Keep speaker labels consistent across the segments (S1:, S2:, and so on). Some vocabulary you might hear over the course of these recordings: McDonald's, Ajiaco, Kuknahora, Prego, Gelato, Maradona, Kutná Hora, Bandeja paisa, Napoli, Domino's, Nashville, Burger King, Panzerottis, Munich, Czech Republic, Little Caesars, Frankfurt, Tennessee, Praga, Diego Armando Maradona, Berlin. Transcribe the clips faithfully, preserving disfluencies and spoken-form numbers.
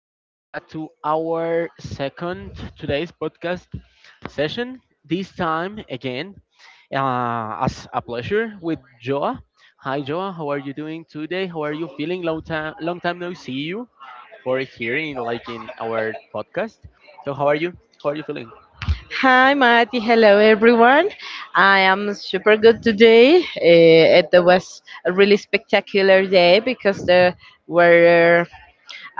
S1: welcome back to our second today's podcast session. This time again, uh, as a pleasure with Joa. Hi Joa, how are you doing today? How are you feeling? Long time, long time no see you for hearing like in our podcast. So how are you? How are you feeling?
S2: Hi, Mati. Hello, everyone. I am super good today. Uh, it was a really spectacular day because the weather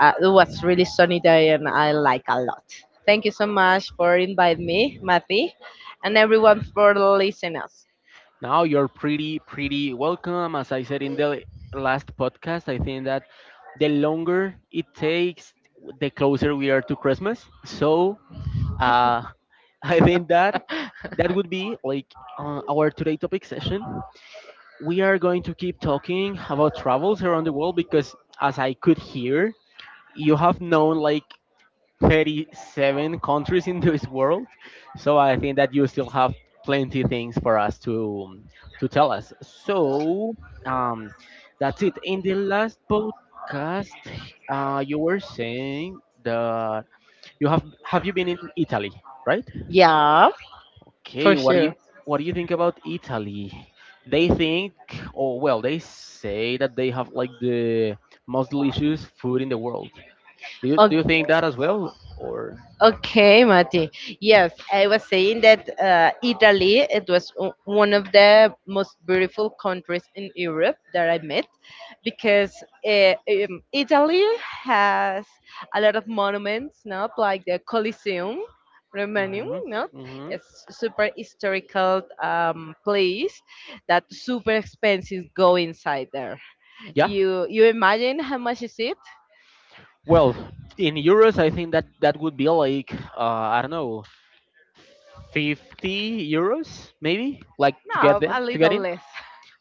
S2: uh, it was really sunny day and I like a lot. Thank you so much for inviting me, Mati, and everyone for listening us.
S1: Now you're pretty, pretty welcome. As I said in the last podcast, I think that the longer it takes, the closer we are to Christmas. So uh, I think that that would be like uh, our today topic session. We are going to keep talking about travels around the world because, as I could hear, you have known like thirty-seven countries in this world. So I think that you still have plenty things for us to to tell us. So um, that's it. In the last podcast, uh, you were saying that you have have you been in Italy, right?
S2: Yeah, for
S1: Okay, what do you
S2: sure.
S1: what do you think about Italy? They think, or well, they say that they have like the most delicious food in the world. Do you do you
S2: Okay.
S1: think that as well, or?
S2: Okay, Mati. Yes, I was saying that uh, Italy it was o- one of the most beautiful countries in Europe that I met because uh, um, Italy has a lot of monuments, not like the Colosseum, Romanium, not it's super historical um, place that super expensive go inside there.
S1: Yeah.
S2: You you imagine how much is it?
S1: Well, in euros, I think that that would be like uh, I don't know, fifty euros maybe, like to get
S2: No, a
S1: in. To get
S2: little
S1: in,
S2: less.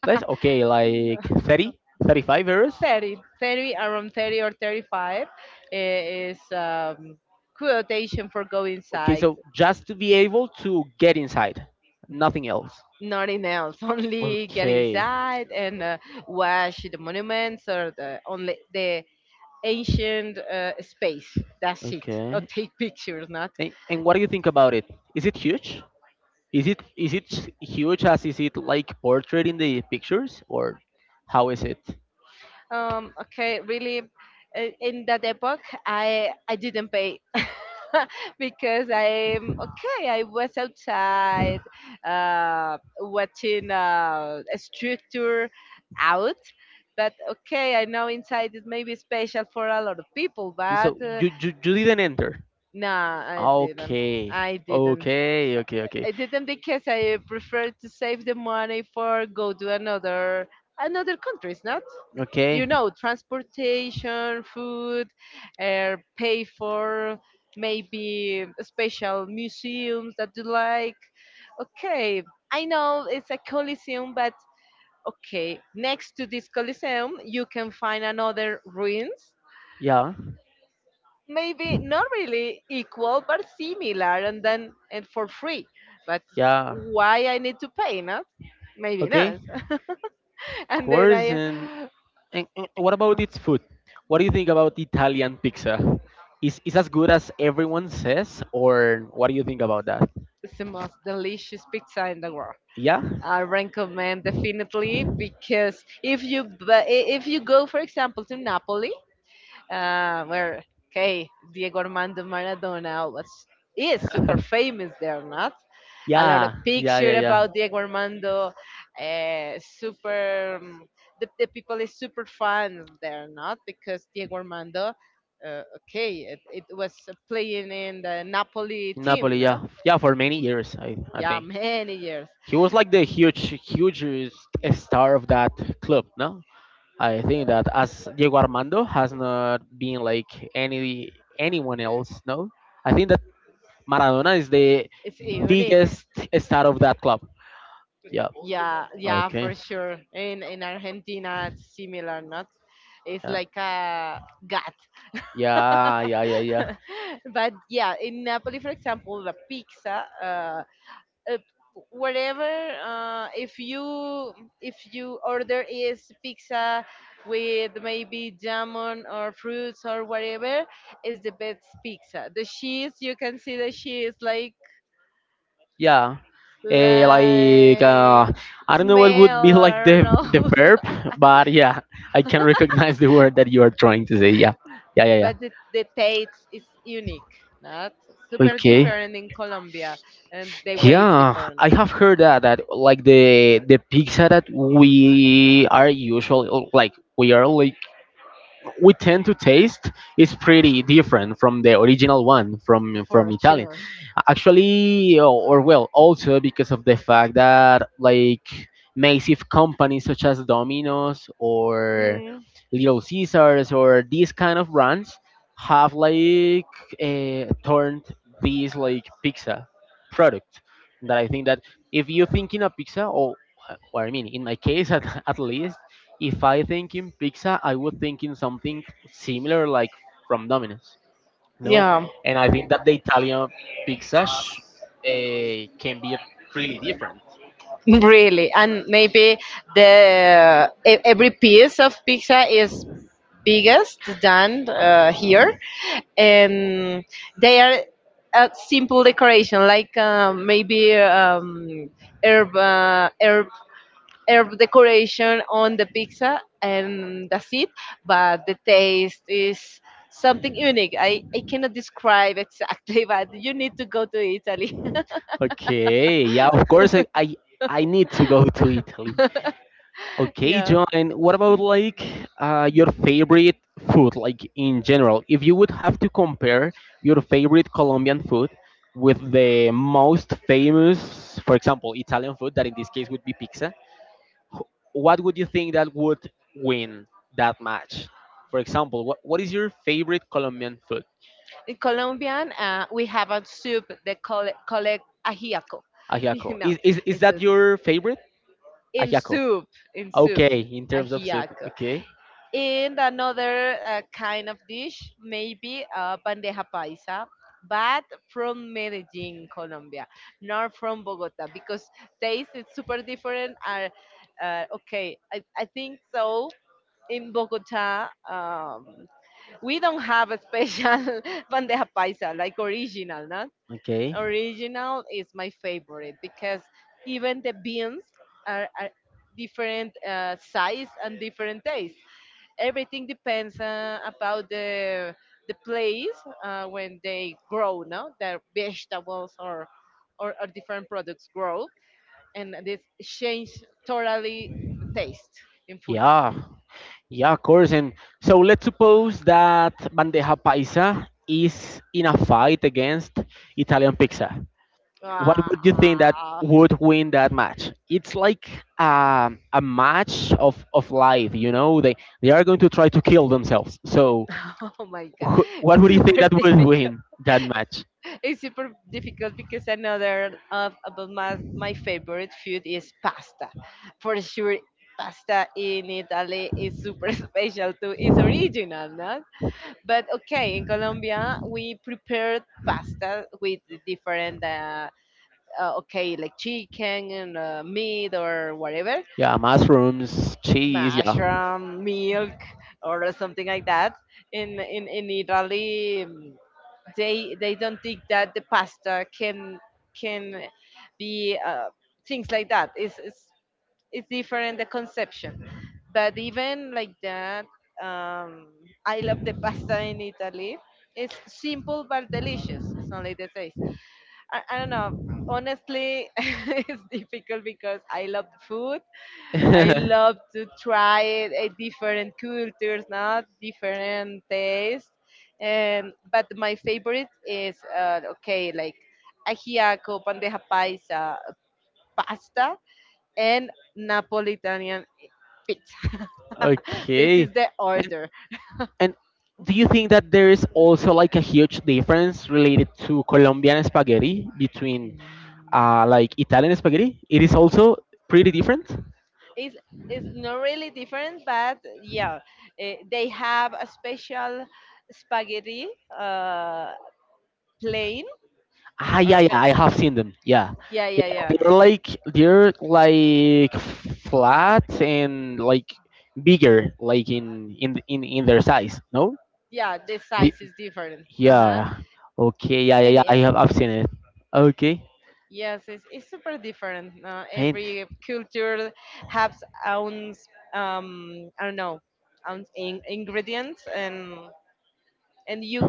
S1: let's okay, like thirty, thirty-five euros.
S2: Thirty, thirty, around thirty or thirty-five uh, is um, quotation for go
S1: Okay,
S2: inside.
S1: so just to be able to get inside, nothing else.
S2: Nothing else, only get
S1: Okay.
S2: inside and uh, watch the monuments or the only the ancient uh, space. That's it. Or
S1: Okay.
S2: take pictures, not.
S1: And, and what do you think about it? Is it huge? Is it is it s- huge as is it like portrayed in the pictures or how is it?
S2: Um, okay, really, uh, in that epoch, I I didn't pay because I'm okay. I was outside uh, watching uh, a structure out, but okay, I know inside is maybe special for a lot of people,
S1: Okay,
S2: but
S1: so
S2: uh,
S1: you, you you didn't enter.
S2: no, I didn't.
S1: Okay.
S2: I didn't.
S1: Okay, okay, okay.
S2: I didn't because I prefer to save the money for go to another another countries, not you
S1: Okay.
S2: know transportation, food, uh, pay for maybe special museums that you like. Okay, I know it's a coliseum, but okay, next to this coliseum you can find another ruins.
S1: Yeah.
S2: Maybe not really equal, but similar, and then and for free. But
S1: Yeah.
S2: why I need to pay, not? Maybe
S1: Okay.
S2: not. and then
S1: Course
S2: I,
S1: and, and, and what about its food? What do you think about Italian pizza? Is is as good as everyone says, or what do you think about that?
S2: it's the most delicious pizza in the world.
S1: Yeah.
S2: I recommend definitely because if you bu- if you go, for example, to Napoli, uh, where okay, Diego Armando Maradona was is super famous there, not? A lot of
S1: Yeah. Yeah.
S2: picture
S1: Yeah. Yeah.
S2: about Diego Armando, uh, super. um, the, the people is super fans there, not because Diego Armando. Uh, okay, it, it was uh, playing in the Napoli team,
S1: Napoli.
S2: not?
S1: Yeah. Yeah. For many years, I I
S2: Yeah,
S1: think
S2: many years.
S1: he was like the huge hugest star of that club. No. I think that as Diego Armando has not been like any anyone else. No. I think that Maradona is the
S2: It's unique.
S1: biggest star of that club. Yeah.
S2: Yeah, yeah, for
S1: Okay.
S2: sure. In in Argentina, it's similar, not? It's like a gut.
S1: Yeah. Yeah, yeah, yeah, yeah.
S2: but yeah, in Napoli, for example, the pizza, uh, uh, whatever. Uh, if you if you order is pizza with maybe jamon or fruits or whatever, is the best pizza. The cheese, you can see the cheese like
S1: Yeah. Eh, like
S2: like
S1: uh, I don't know what would
S2: smell
S1: be
S2: or
S1: like
S2: I don't
S1: the the
S2: know.
S1: verb, but yeah, I can recognize the word that you are trying to say. Yeah. Yeah, yeah, yeah.
S2: but the, the taste is unique, not super
S1: Okay.
S2: different in Colombia, and the way is
S1: Yeah,
S2: different.
S1: I have heard that that like the the pizza that we are usually like we are like we tend to taste is pretty different from the original one from from
S2: For
S1: Italian
S2: sure.
S1: actually, or or well, also because of the fact that like massive companies such as Domino's or
S2: Mm,
S1: Little Caesars or these kind of brands have like uh, turned these like pizza product that I think that if you think in a pizza or or I mean, in my case at, at least if I think in pizza I would think in something similar like from Domino's, no.
S2: yeah.
S1: And I think that the Italian pizza sh- uh, can be really different.
S2: Really, and maybe the e- every piece of pizza is biggest than uh, here, and they are a simple decoration, like uh, maybe um, herb, uh, herb herb decoration on the pizza, and that's it. But the taste is something unique. I I cannot describe exactly, but you need to go to Italy.
S1: Okay, yeah, of course. I, I i need to go to Italy. Okay,
S2: yeah.
S1: John, what about like uh, your favorite food, like in general, if you would have to compare your favorite Colombian food with the most famous, for example, Italian food that in this case would be pizza, what would you think that would win that match? For example, what, what is your favorite Colombian food?
S2: In Colombian, uh, we have a soup they call it, call it ajiaco. You
S1: Ajiaco.
S2: know,
S1: Is, is, is
S2: it's
S1: that
S2: a-
S1: your favorite?
S2: in
S1: Ajiaco.
S2: soup, in soup,
S1: Okay, in terms of soup.
S2: ajiaco.
S1: Okay,
S2: And another uh, kind of dish, maybe uh, bandeja paisa, but from Medellin, Colombia, not from Bogota, because taste is super different. Are uh, okay, I, I think so. In Bogota, um, we don't have a special bandeja paisa, like original, no?
S1: okay.
S2: Original is my favorite because even the beans are, are different uh, size and different taste. Everything depends uh, about the the place uh, when they grow, no? Their vegetables or, or or different products grow, and this change totally the taste in food.
S1: Yeah, yeah, of course. And so let's suppose that bandeja paisa is in a fight against Italian pizza. What
S2: Ah.
S1: would you think that would win that match? It's like um, a match of, of life, you know. They they are going to try to kill themselves. So,
S2: Oh my god,
S1: wh- what
S2: it's
S1: would you think
S2: super
S1: that would
S2: difficult.
S1: win that match?
S2: It's super difficult because another of about my my favorite food is pasta. For sure, pasta in Italy is super special too. It's original, no? But okay, in Colombia we prepared pasta with different uh, uh, okay like chicken and uh, meat or whatever,
S1: Yeah, mushrooms, cheese.
S2: mushroom milk or something like that in in, in italy mm, they they don't think that the pasta can can be uh, things like that it's, it's it's different the conception but even like that um, I love the pasta in italy it's simple but delicious it's only the taste I, I don't know honestly it's difficult because I love food I
S1: Yeah.
S2: love to try it, eh, different cultures, not different tastes. And but my favorite is uh, okay, like ajiaco, bandeja paisa, pasta, and Napolitanian pizza. This
S1: Okay.
S2: is the
S1: And,
S2: order.
S1: and do you think that there is also like a huge difference related to Colombian spaghetti between
S2: Mm.
S1: uh, like Italian spaghetti? It is also pretty different.
S2: It's, it's not really different, but yeah, eh, they have a special spaghetti uh, plane.
S1: Ah, yeah,
S2: Or
S1: yeah, I have seen them. Yeah,
S2: Yeah, yeah,
S1: yeah,
S2: yeah.
S1: they're like they're like flat and like bigger, like in in in in their size, no?
S2: Yeah, the
S1: The-
S2: size is different. Uh huh.
S1: yeah. Okay, yeah, yeah,
S2: And
S1: yeah. I have
S2: um,
S1: I've seen it. Okay,
S2: yes, it's, it's super different. Uh, every culture has own um I don't know own in, ingredients and and you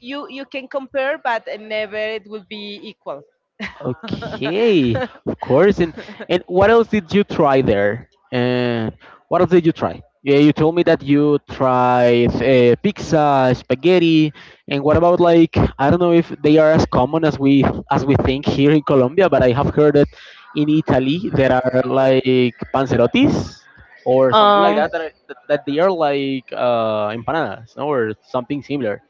S2: you you can compare, but never it will be equal.
S1: okay, of course. And and what else did you try there? And what else did you try? Yeah, you told me that you tried uh, pizza, spaghetti, and what about like, I don't know if they are as common as we as we think here in Colombia, but I have heard that in Italy there are like panzerottis or something like
S2: um,
S1: that that, are, that, that they are like uh, empanadas, no? Or something similar.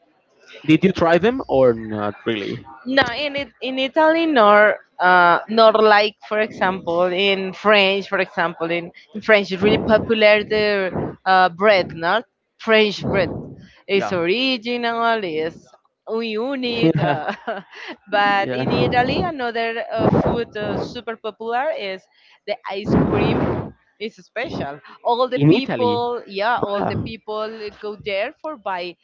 S1: Did you try them or not really?
S2: no, in it, in Italy, nor uh, nor like for example in French, for example in, in French, it's really popular the uh, bread, not French bread. It's
S1: Yeah.
S2: original, it's unique. Uh, but in Italy,
S1: Yeah.
S2: another uh, food uh, super popular is the ice cream. It's special. All the
S1: In Italy.
S2: people, yeah, all the
S1: Yeah.
S2: people go there for buy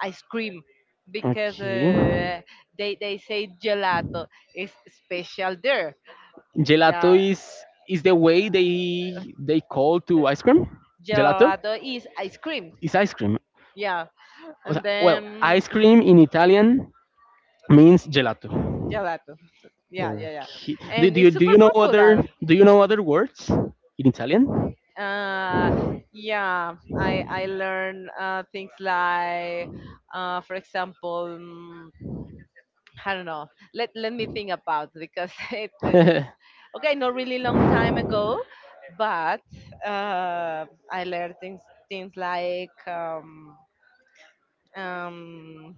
S2: ice cream because
S1: Okay.
S2: uh, they they say gelato is special there.
S1: Gelato
S2: Yeah,
S1: is is the way they they call to ice cream. Gelato
S2: gelato is ice cream.
S1: is ice cream.
S2: Yeah,
S1: O
S2: and
S1: sea, well,
S2: then
S1: ice cream in Italian means gelato.
S2: gelato. Yeah, yeah, yeah,
S1: Okay. Do,
S2: and
S1: do you
S2: it's
S1: do
S2: super
S1: you know other
S2: popular.
S1: do you know other words in Italian?
S2: Uh, yeah, I I learn uh, things like, uh, for example. mm, I don't know. Let let me think about it because it, it's okay. Not really long time ago, but uh, I learned things things like um, um,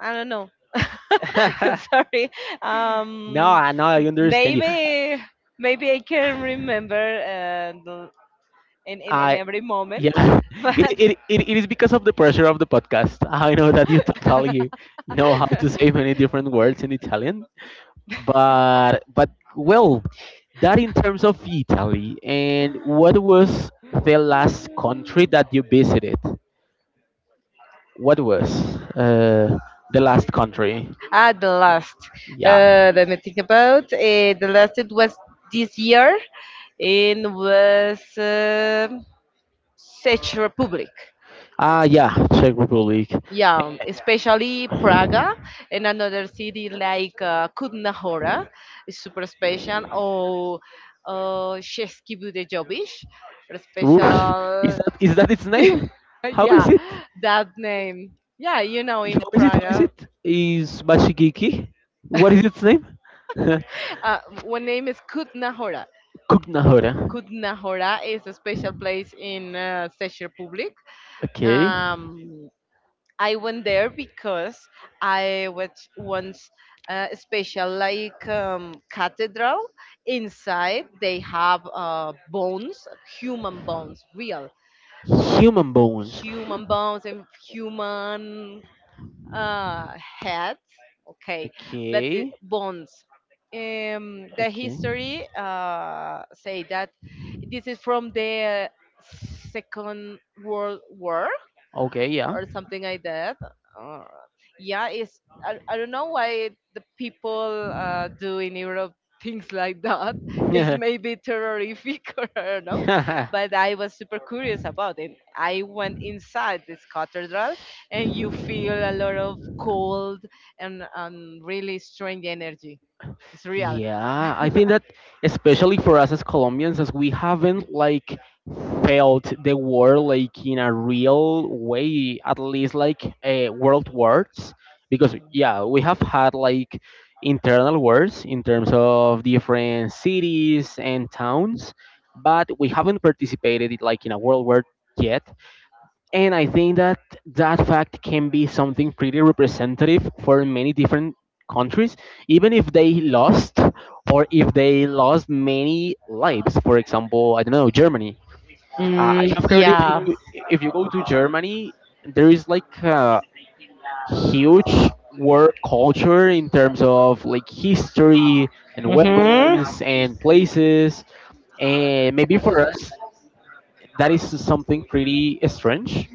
S2: I don't know. Sorry.
S1: No,
S2: Um,
S1: I know, I
S2: m-
S1: understand you.
S2: maybe maybe I can remember uh, the- in, in in
S1: I
S2: every moment,
S1: yeah. It,
S2: but
S1: it, it, it is because of the pressure of the podcast. I know that you totally know how to say many different words in Italian. But but well, that in terms of Italy, and what was the last country that you visited? What was uh, the last country?
S2: Ah, the last.
S1: Yeah.
S2: Uh, let me think about. Uh, the last it was this year and was uh, Czech Republic.
S1: Ah, yeah, Czech Republic.
S2: Yeah, especially Praga and another city like uh, Kutná Hora is super special or uh, Český Budějovic,
S1: Oof. Is
S2: special.
S1: that is that its name? How
S2: yeah,
S1: is it?
S2: that name. Yeah, you know,
S1: How
S2: in
S1: is it? How is
S2: Praga,
S1: it? Is Bashigiki? What is its name?
S2: uh, one name is Kutna Hora.
S1: Kuknahora.
S2: Kutna Hora is a special place in uh, Czech Republic.
S1: Okay.
S2: Um, I went there because I was once uh, special like um, cathedral. Inside, they have uh, bones, human bones, real
S1: Human bones.
S2: human bones and human uh, had, okay, but the
S1: Okay.
S2: bonds. Um, the
S1: Okay.
S2: history uh, say that this is from the Second World War,
S1: Okay. Yeah.
S2: or something like that. Uh, yeah, it's I, I don't know why the people uh, do in Europe things like that. It's maybe terrorific or I don't know,
S1: Yeah.
S2: but I was super curious about it. I went inside this cathedral, and you feel a lot of cold and um, really strange energy. It's real.
S1: Yeah, I think that especially for us as Colombians, as we haven't like felt the war like in a real way, at least like uh, world wars, because yeah, we have had like internal wars in terms of different cities and towns, but we haven't participated in, like in a world war yet. And I think that that fact can be something pretty representative for many different countries, even if they lost, or if they lost many lives. For example, I don't know, Germany. Uh, I
S2: Mm,
S1: have heard if
S2: yeah.
S1: you, if you go to Germany, there is like a huge war culture in terms of like history and
S2: hmm
S1: weapons and places. And maybe for us, that is something pretty strange,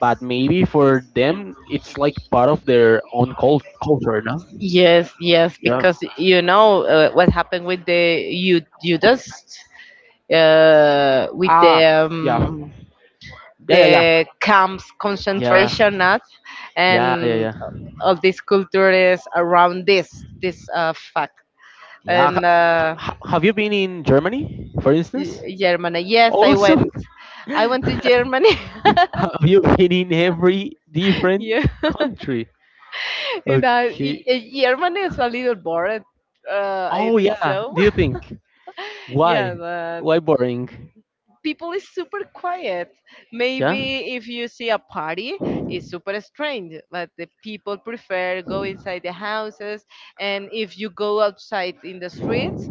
S1: but maybe for them it's like part of their own cult- culture, no?
S2: Yes, yes,
S1: Yeah.
S2: because you know uh, what happened with the you you just uh, with
S1: Ah,
S2: the
S1: yeah.
S2: um,
S1: Yeah, yeah,
S2: the camps
S1: yeah, yeah.
S2: concentration not
S1: Yeah, yeah,
S2: and
S1: yeah,
S2: all these cultures around this this uh, fact
S1: yeah.
S2: and
S1: ha-
S2: uh,
S1: ha- have you been in Germany, for
S2: y-
S1: instance,
S2: Germany. Yes, I
S1: also?
S2: went. I went to
S1: Have
S2: Germany.
S1: you been in every different
S2: yeah,
S1: country?
S2: you know, y-
S1: Okay.
S2: y- Germany is a little boring. Uh, I
S1: Oh,
S2: think
S1: yeah.
S2: so.
S1: Do you think?
S2: yeah,
S1: why
S2: but
S1: why boring?
S2: people is super quiet.
S1: Yeah.
S2: Maybe if you see a party, it's super strange, but the people prefer go inside the houses. And if you go outside in the streets,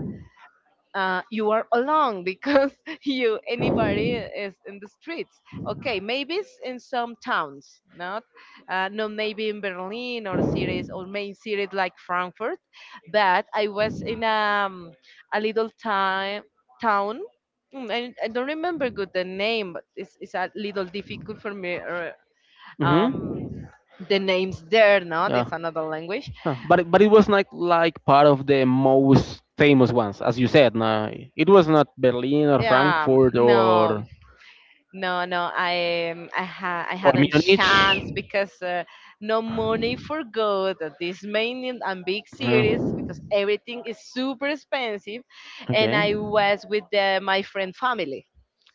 S2: uh, you are alone because you anybody is in the streets. Okay, maybe it's in some towns, not uh, no maybe in Berlin or cities or main cities like Frankfurt, but I was in um, a little time town. mm, I, I don't remember good the name, but it's, it's a little difficult for me. uh, Um,
S1: Mm-hmm.
S2: the names there, not
S1: Yeah.
S2: it's another language.
S1: Huh. But it- but it was not like part of the most famous ones, as you said. Nah, it was not Berlin or
S2: Yeah,
S1: Frankfurt
S2: no,
S1: or
S2: No, no, I um, I, ha- I
S1: or
S2: hadn't
S1: Munich.
S2: chance because uh, no money for good. uh, These main and big cities
S1: Mm.
S2: because everything is super expensive, and I
S1: Okay.
S2: was with the, my friend family,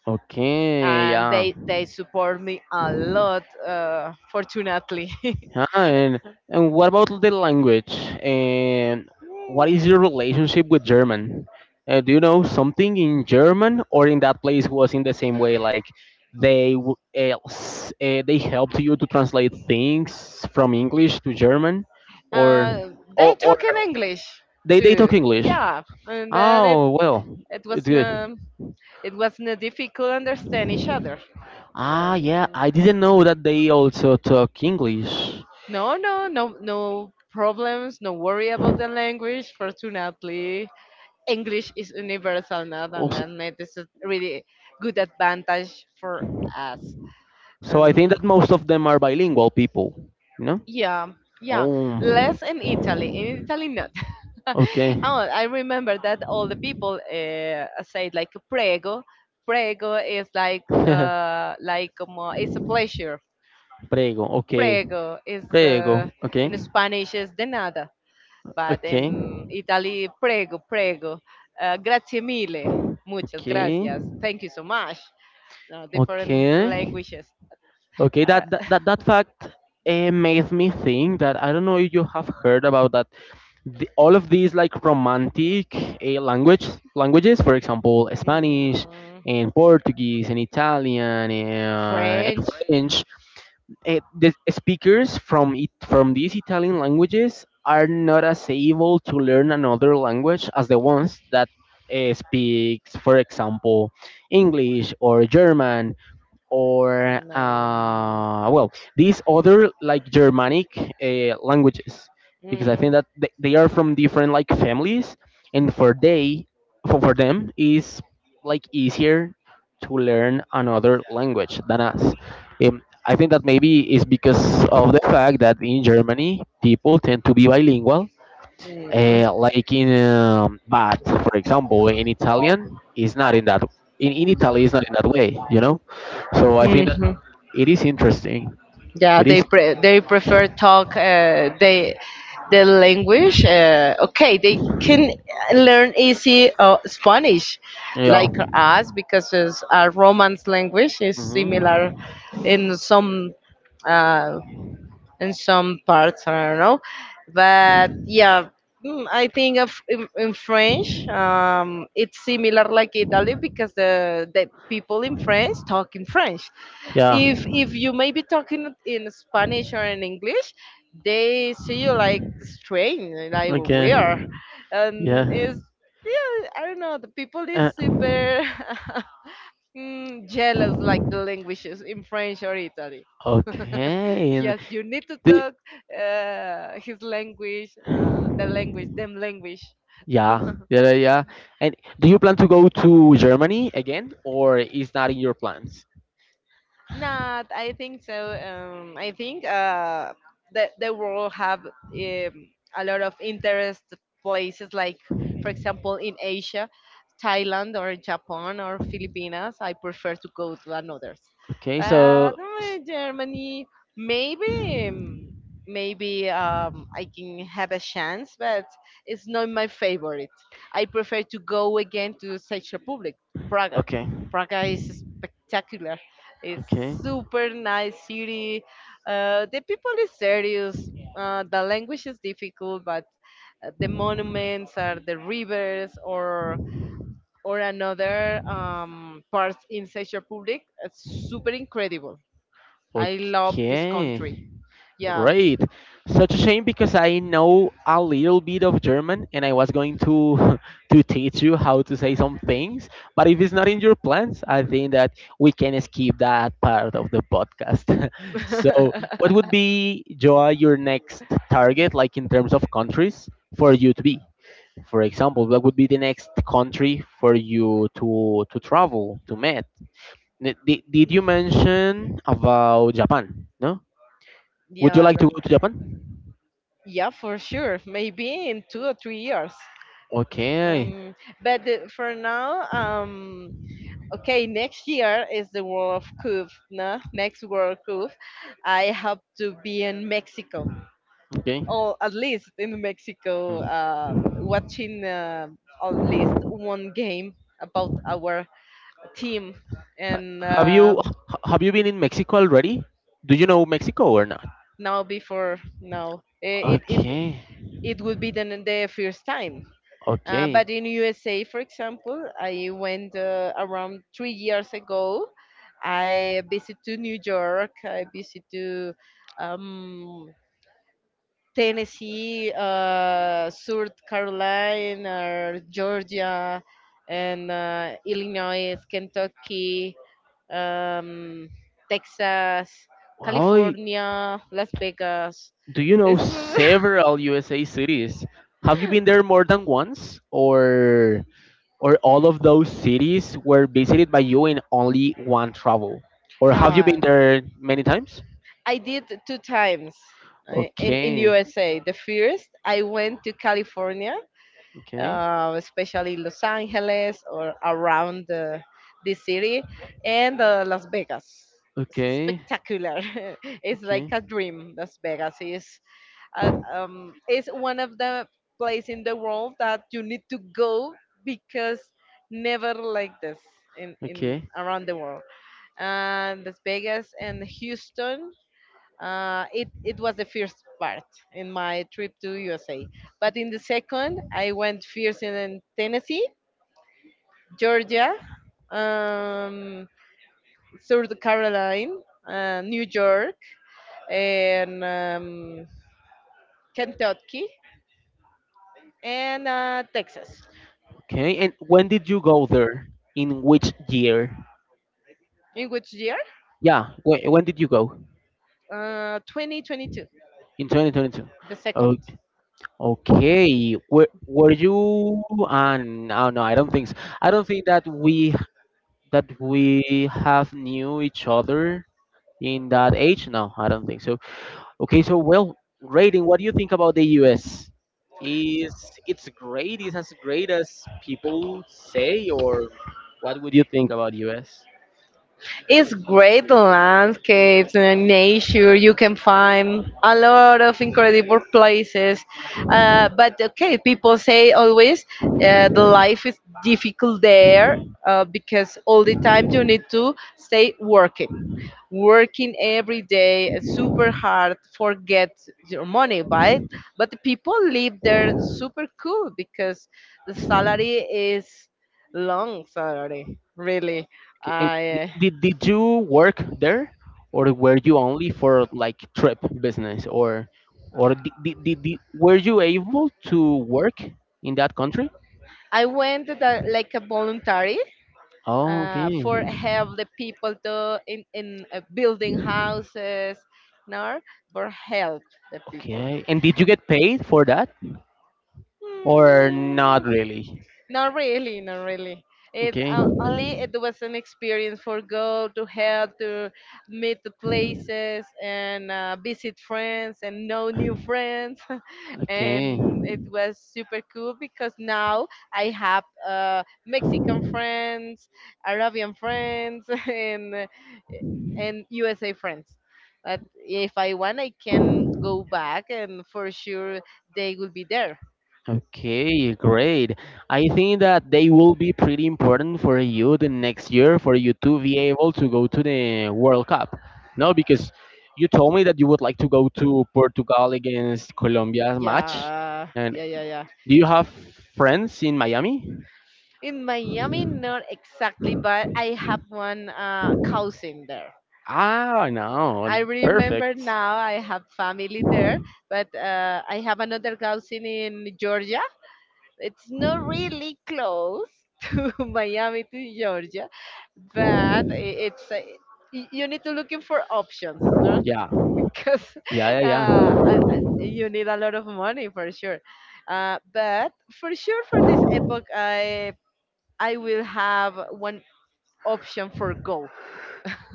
S1: Okay.
S2: and
S1: Yeah.
S2: they they support me a lot. Uh, fortunately,
S1: Yeah, and and what about the language? And what is your relationship with German? Uh, do you know something in German, or in that place was in the same way? Like they w- uh, s- uh, they helped you to translate things from English to German, or
S2: uh, they
S1: or, or
S2: talk in English
S1: they they talk
S2: too.
S1: English.
S2: Yeah, and then it
S1: Oh well,
S2: it
S1: it's good.
S2: wasn't it wasn't difficult to understand each other.
S1: Ah
S2: Um,
S1: yeah, I didn't know that they also talk English.
S2: No, no, no, no problems. No worry about the language. Fortunately, English is universal now, and
S1: Also,
S2: then ma- this is really good advantage for us.
S1: so I think
S2: Um,
S1: that most of them are bilingual people, you know?
S2: yeah, yeah,
S1: Oh,
S2: less in Italy. In Italy, not.
S1: okay.
S2: oh, I remember that all the people uh, say like prego. Prego is like uh, like como, it's a pleasure.
S1: Prego, okay.
S2: Prego is
S1: Prego,
S2: uh,
S1: okay.
S2: in Spanish is de nada but
S1: Okay,
S2: in Italy, prego, prego, uh, grazie mille, muchas gracias, thank you so much. No, different
S1: okay, okay.
S2: languages.
S1: Okay,
S2: Uh,
S1: that that that, that fact uh, makes me think that I don't know if you have heard about that. The, all of these like romantic uh, language languages, for example, Spanish
S2: mm,
S1: and Portuguese and Italian and, and
S2: French.
S1: French. Uh, the speakers from it from these Italian languages are not as able to learn another language as the ones that uh, speaks, for example, English or German or
S2: No.
S1: uh, well, these other like Germanic uh, languages, because I
S2: Mm,
S1: think that th- they are from different like families, and for they for, for them is like easier to learn another language than us. um, I think that maybe it's because of the fact that in Germany people tend to be bilingual, uh, like in um, but for example in Italian is not in that. In, in italy is not in that way, you know so I
S2: mm,
S1: think
S2: mhm.
S1: it is interesting.
S2: Yeah,
S1: It
S2: they
S1: is
S2: pre- they prefer talk uh, they the language. Uh, okay, they can learn easy uh, Spanish,
S1: yeah.
S2: like us, because it's a Romance language is
S1: Hmm.
S2: similar in some uh, in some parts. I don't know, but yeah, mm, I think of in, in French, um, it's similar like Italy because the the people in France talk in French.
S1: Yeah.
S2: If if you may be talking in Spanish or in English, they see you like strange, and like
S1: Okay.
S2: weird,
S1: Yeah.
S2: and it's I don't know. The people
S1: Uh,
S2: is super mm, jealous like the languages in French or Italy.
S1: okay. And
S2: Yes you need to
S1: the,
S2: talk uh, his language uh, the language them language.
S1: yeah, yeah, yeah. Yeah. And do you plan to go to Germany again, or is not in your plans?
S2: Not, I think so. Um, I think uh, the the world have um, a lot of interest places like, for example, in Asia, Thailand or Japan or Philippines. I prefer to go to another's.
S1: Okay.
S2: Uh,
S1: So.
S2: no, Germany, maybe, um, maybe um, I can have a chance, but it's not my favorite. I prefer to go again to Czech Republic, Praga.
S1: Okay.
S2: Praga is spectacular. It's
S1: Okay.
S2: super nice city. Uh, the people is serious. Uh, the language is difficult, but uh, the monuments are the rivers or or another um, parts in Czech Republic. It's super incredible. I love this country.
S1: Okay.
S2: Yeah.
S1: Great. Such a shame because I know a little bit of German and I was going to to teach you how to say some things, but if it's not in your plans, I think that we can skip that part of the podcast. So, what would be, Joa, your next target like in terms of countries for you to be? For example, what would be the next country for you to to travel to meet? Did, did you mention about Japan? No? Would you
S2: yeah,
S1: like to
S2: the-
S1: go to Japan?
S2: yeah, for sure. Maybe in two or three years.
S1: Okay.
S2: Um, but the, for now, um, okay, next year is the World Cup, no? Next World Cup, I have to be in Mexico,
S1: Okay.
S2: or at least in Mexico,
S1: Mm.
S2: uh, watching uh, at least one game about our team.
S1: Ha-
S2: And
S1: Have you
S2: uh,
S1: h- have you been in Mexico already? Do you know Mexico or not?
S2: now, before now, eh, it it
S1: Okay.
S2: it would be the, the first time. Uh, but
S1: Okay.
S2: in U S A, for example, I went uh, around three years ago. I visit to New York. I visit to um, Tennessee, uh, South Carolina, Georgia, and uh, Illinois, Kentucky, um, Texas,
S1: Well,
S2: California, Las Vegas.
S1: do you know
S2: It's
S1: several U S A cities? Have you been there more than once, or or all of those cities were visited by you in only one travel? Or have you been
S2: no.
S1: there many times?
S2: I did two times uh, in in
S1: Okay,
S2: U S A. The first, I went to California,
S1: okay,
S2: uh, especially Los Angeles or around the, the city, and uh, Las Vegas. It's
S1: okay,
S2: spectacular! It's like
S1: okay,
S2: a dream. Las Vegas is uh, um, is one of the place in the world that you need to go because never like this in, in
S1: okay,
S2: around the world, and Las Vegas and Houston uh, it it was the first part in my trip to U S A. But in the second, I went first in Tennessee, Georgia, um, South Carolina, uh, New York, and um, Kentucky, and uh, Texas.
S1: okay. And when did you go there? In which year?
S2: In which year?
S1: Yeah, when, when did you go?
S2: Uh, twenty twenty-two,
S1: In twenty twenty-two.
S2: the
S1: Oh,
S2: second.
S1: okay. Were, were you? Uh, no, no, I don't think so. I don't think that we that we have knew each other in that age. No, I don't think so. Okay, so well, rating. What do you think about the U S? Is it's great? Is as great as people say, or what would you think about U S?
S2: It's great landscapes and nature. You can find a lot of incredible places. Uh, but okay, people say always uh, the life is difficult there uh, because all the time you need to stay working, working every day, uh, super hard, forget your money, right? But the people live there super cool because the salary is long salary, really.
S1: Okay, and di-
S2: I uh,
S1: did did you work there, or were you only for like trip business, or or did, did, did, did- were you able to work in that country?
S2: I went with a, like a voluntary
S1: Oh,
S2: uh,
S1: okay,
S2: for help the people to in, in uh, building houses, no, for help the people.
S1: okay. And did you get paid for that? Or not
S2: Mm,
S1: really.
S2: not really, not really. It
S1: Okay,
S2: uh, only it was an experience for go to help to meet the places and uh, visit friends and know new friends, and
S1: okay,
S2: it was super cool because now I have uh, Mexican friends, Arabian friends, and uh, and U S A friends. But if I want, I can go back, and for sure they will be there.
S1: okay, great. I think that they will be pretty important for you the next year for you to be able to go to the World Cup. No, because you told me that you would like to go to Portugal against Colombia's match.
S2: Yeah,
S1: And
S2: yeah, yeah, yeah.
S1: do you have friends in Miami?
S2: In Miami, not exactly, but I have one uh, cousin there.
S1: Ah, no,
S2: I remember
S1: perfect.
S2: now I have family there, but uh, I have another cousin in Georgia. It's not really close to Miami to Georgia, but i- it's uh, y- you need to looking for options. No?
S1: Yeah,
S2: Because
S1: yeah, yeah,
S2: uh,
S1: yeah.
S2: I, I, you need a lot of money for sure. Uh, but for sure, for this epoch, I I will have one option for go.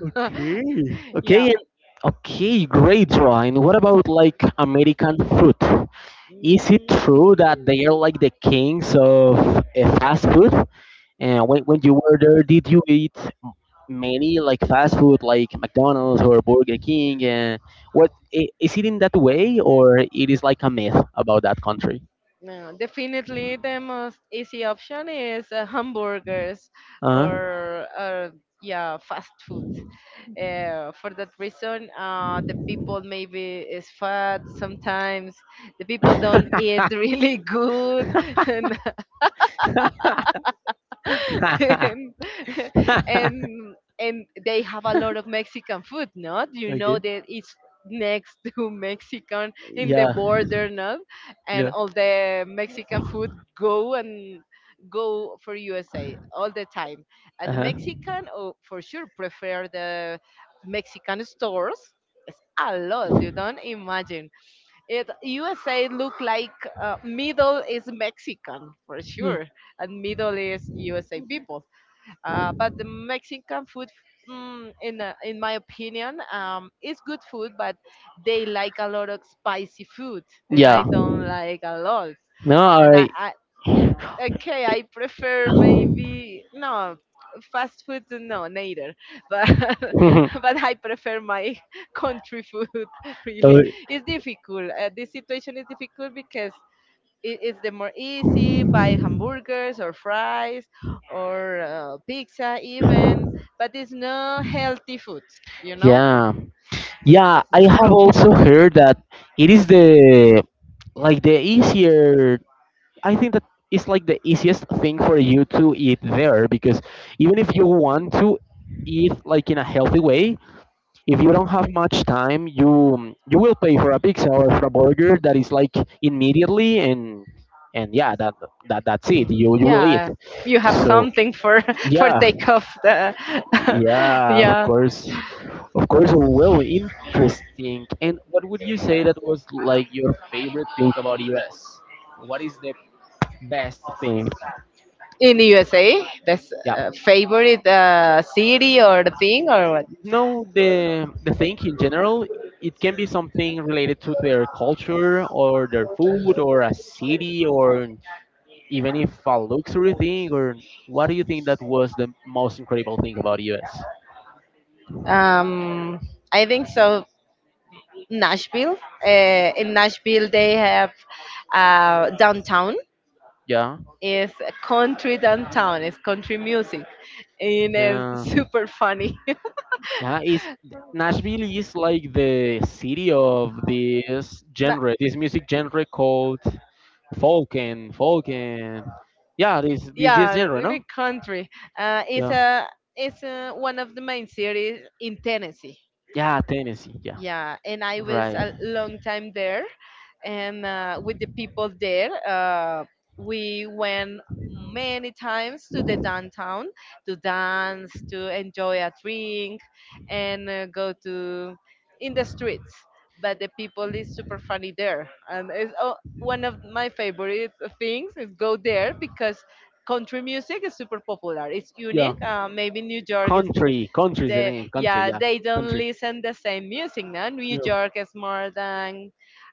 S1: Okay. Okay,
S2: Yeah.
S1: and- okay, great, Ryan. What about like American food? Is it true that
S2: Mm.
S1: they are like the kings of uh, fast food? And when, when you were there, did you eat m- many like fast food, like McDonald's or Burger King? And what i- is it in that way, or it is like a myth about that country?
S2: No, definitely the most easy option is uh, hamburgers
S1: Uh-huh.
S2: or, or yeah fast food. Uh, for that reason, uh, the people maybe is fat sometimes. The people don't eat really good. and and, and and they have a lot of Mexican food, not? You know
S1: Okay.
S2: that it's next to Mexican in the
S1: Yeah.
S2: border, not? And
S1: Yeah.
S2: all the Mexican food go and go for U S A all the time. At the
S1: Uh-huh.
S2: Mexican, oh, for sure, prefer the Mexican stores. It's a lot. You don't imagine. It U S A look like uh, middle is Mexican for sure, and middle is U S A people. Uh, but the Mexican food, mm, in a, in my opinion, um, is good food, but they like a lot of spicy food, and I
S1: Yeah.
S2: don't like a lot.
S1: No,
S2: And I,
S1: I,
S2: I okay, I prefer maybe no fast food, no, neither. But but I prefer my country food. Really,
S1: uh,
S2: it's difficult. Uh, this situation is difficult because it, it's the more easy buy hamburgers or fries or uh, pizza even, but it's no healthy food, you know,
S1: yeah.
S2: this
S1: Yeah,
S2: is
S1: I
S2: the
S1: have
S2: problem.
S1: also heard that it is the like the easier. I think that it's like the easiest thing for you to eat there because even if you want to eat like in a healthy way, if you don't have much time, you you will pay for a pizza or for a burger that is like immediately, and and yeah, that that that's it.
S2: Mm,
S1: You you will eat.
S2: yeah, you have
S1: So
S2: something for for
S1: yeah,
S2: take off the
S1: yeah, of
S2: yeah
S1: course, of course. Well, interesting. And what would you say that was like your favorite thing about U S? What is the best thing?
S2: in the USA best
S1: Yeah.
S2: uh, favorite uh, city or the thing or what.
S1: No, the the thing in general, it can be something related to their culture or their food or a city, or even if a luxury thing, or what do you think that was the most incredible thing about U S?
S2: um I think so Nashville. uh, in Nashville they have uh, downtown
S1: Yeah,
S2: is country, downtown is country music, and it's
S1: yeah,
S2: super funny.
S1: yeah. It's, Nashville is like the city of this
S2: Na-
S1: genre, this music genre called folk, and folk and yeah, this this this
S2: yeah
S1: genre, no?
S2: really country. uh, it's
S1: Yeah.
S2: a, it's uh one of the main cities in Tennessee.
S1: Yeah, Tennessee. Yeah,
S2: Yeah, and I was
S1: right.
S2: a long time there, and uh, with the people there uh, we went many times to the downtown to dance, to enjoy a drink, and uh, go to in the streets. But the people is super funny there, and it's oh, one of my favorite things is go there because country music is super popular, it's
S1: Yeah,
S2: unique. uh, maybe New York is
S1: country. Country is the
S2: the
S1: name. Country.
S2: yeah
S1: Yeah,
S2: they don't
S1: country.
S2: listen the same music. No, New
S1: Yeah.
S2: York is more than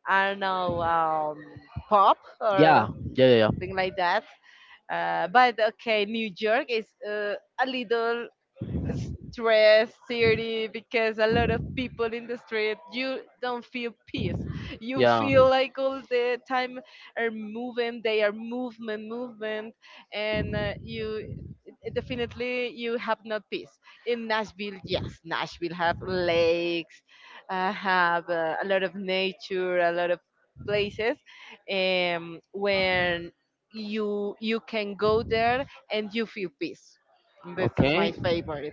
S2: I don't know, um, pop
S1: Yeah,
S2: or
S1: yeah, yeah,
S2: something like that. uh, but okay, New York is uh, a little
S1: yeah.
S2: stress city because a lot of people in the street, you don't feel peace. You feel like all the time are moving, they are movement movement, and uh, you definitely you have not peace. In Nashville, yes, Nashville have lakes, uh, have uh, a lot of nature, a lot of places, um, when you you can
S1: Yeah,
S2: go there and you feel peace. This is my
S1: okay.
S2: favorite.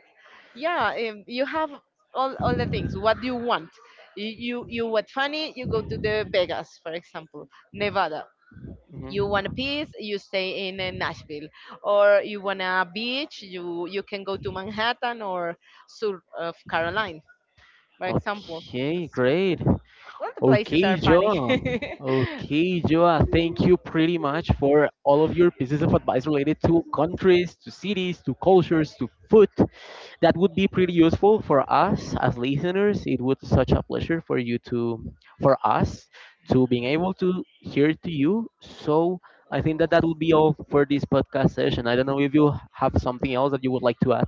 S2: Yeah. um, you have all, all the things what do you want. You you, you want funny, you go to the Vegas, for example, Nevada. You
S1: Mhm.
S2: want a peace, you stay in uh, Nashville. Or you want a beach, you you can go to Manhattan or south of Caroline, for example.
S1: Okay, great.
S2: All the places are
S1: Okay,
S2: funny.
S1: Joa. Okay, Joa. Thank you pretty much for all of your pieces of advice related to countries, to cities, to cultures, to food. That would be pretty useful for us as listeners. It would such a pleasure for you to, for us, to being able to hear to you. So I think that that would be all for this podcast session. I don't know if you have something else that you would like to add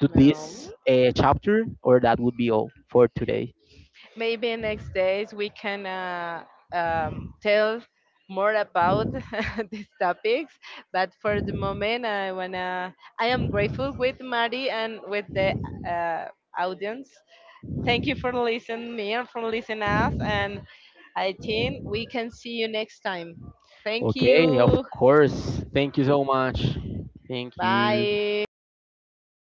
S1: to
S2: No.
S1: this uh, chapter, or that would be all for today.
S2: Maybe next days we can uh, um, tell more about these topics. But for the moment, I wanna. I am grateful with Mari and with the uh, audience. Thank you for listening me and for listening us. And I think we can see you next time. Thank
S1: Okay, of
S2: you.
S1: course. Thank you so much. Thank you.
S2: Bye.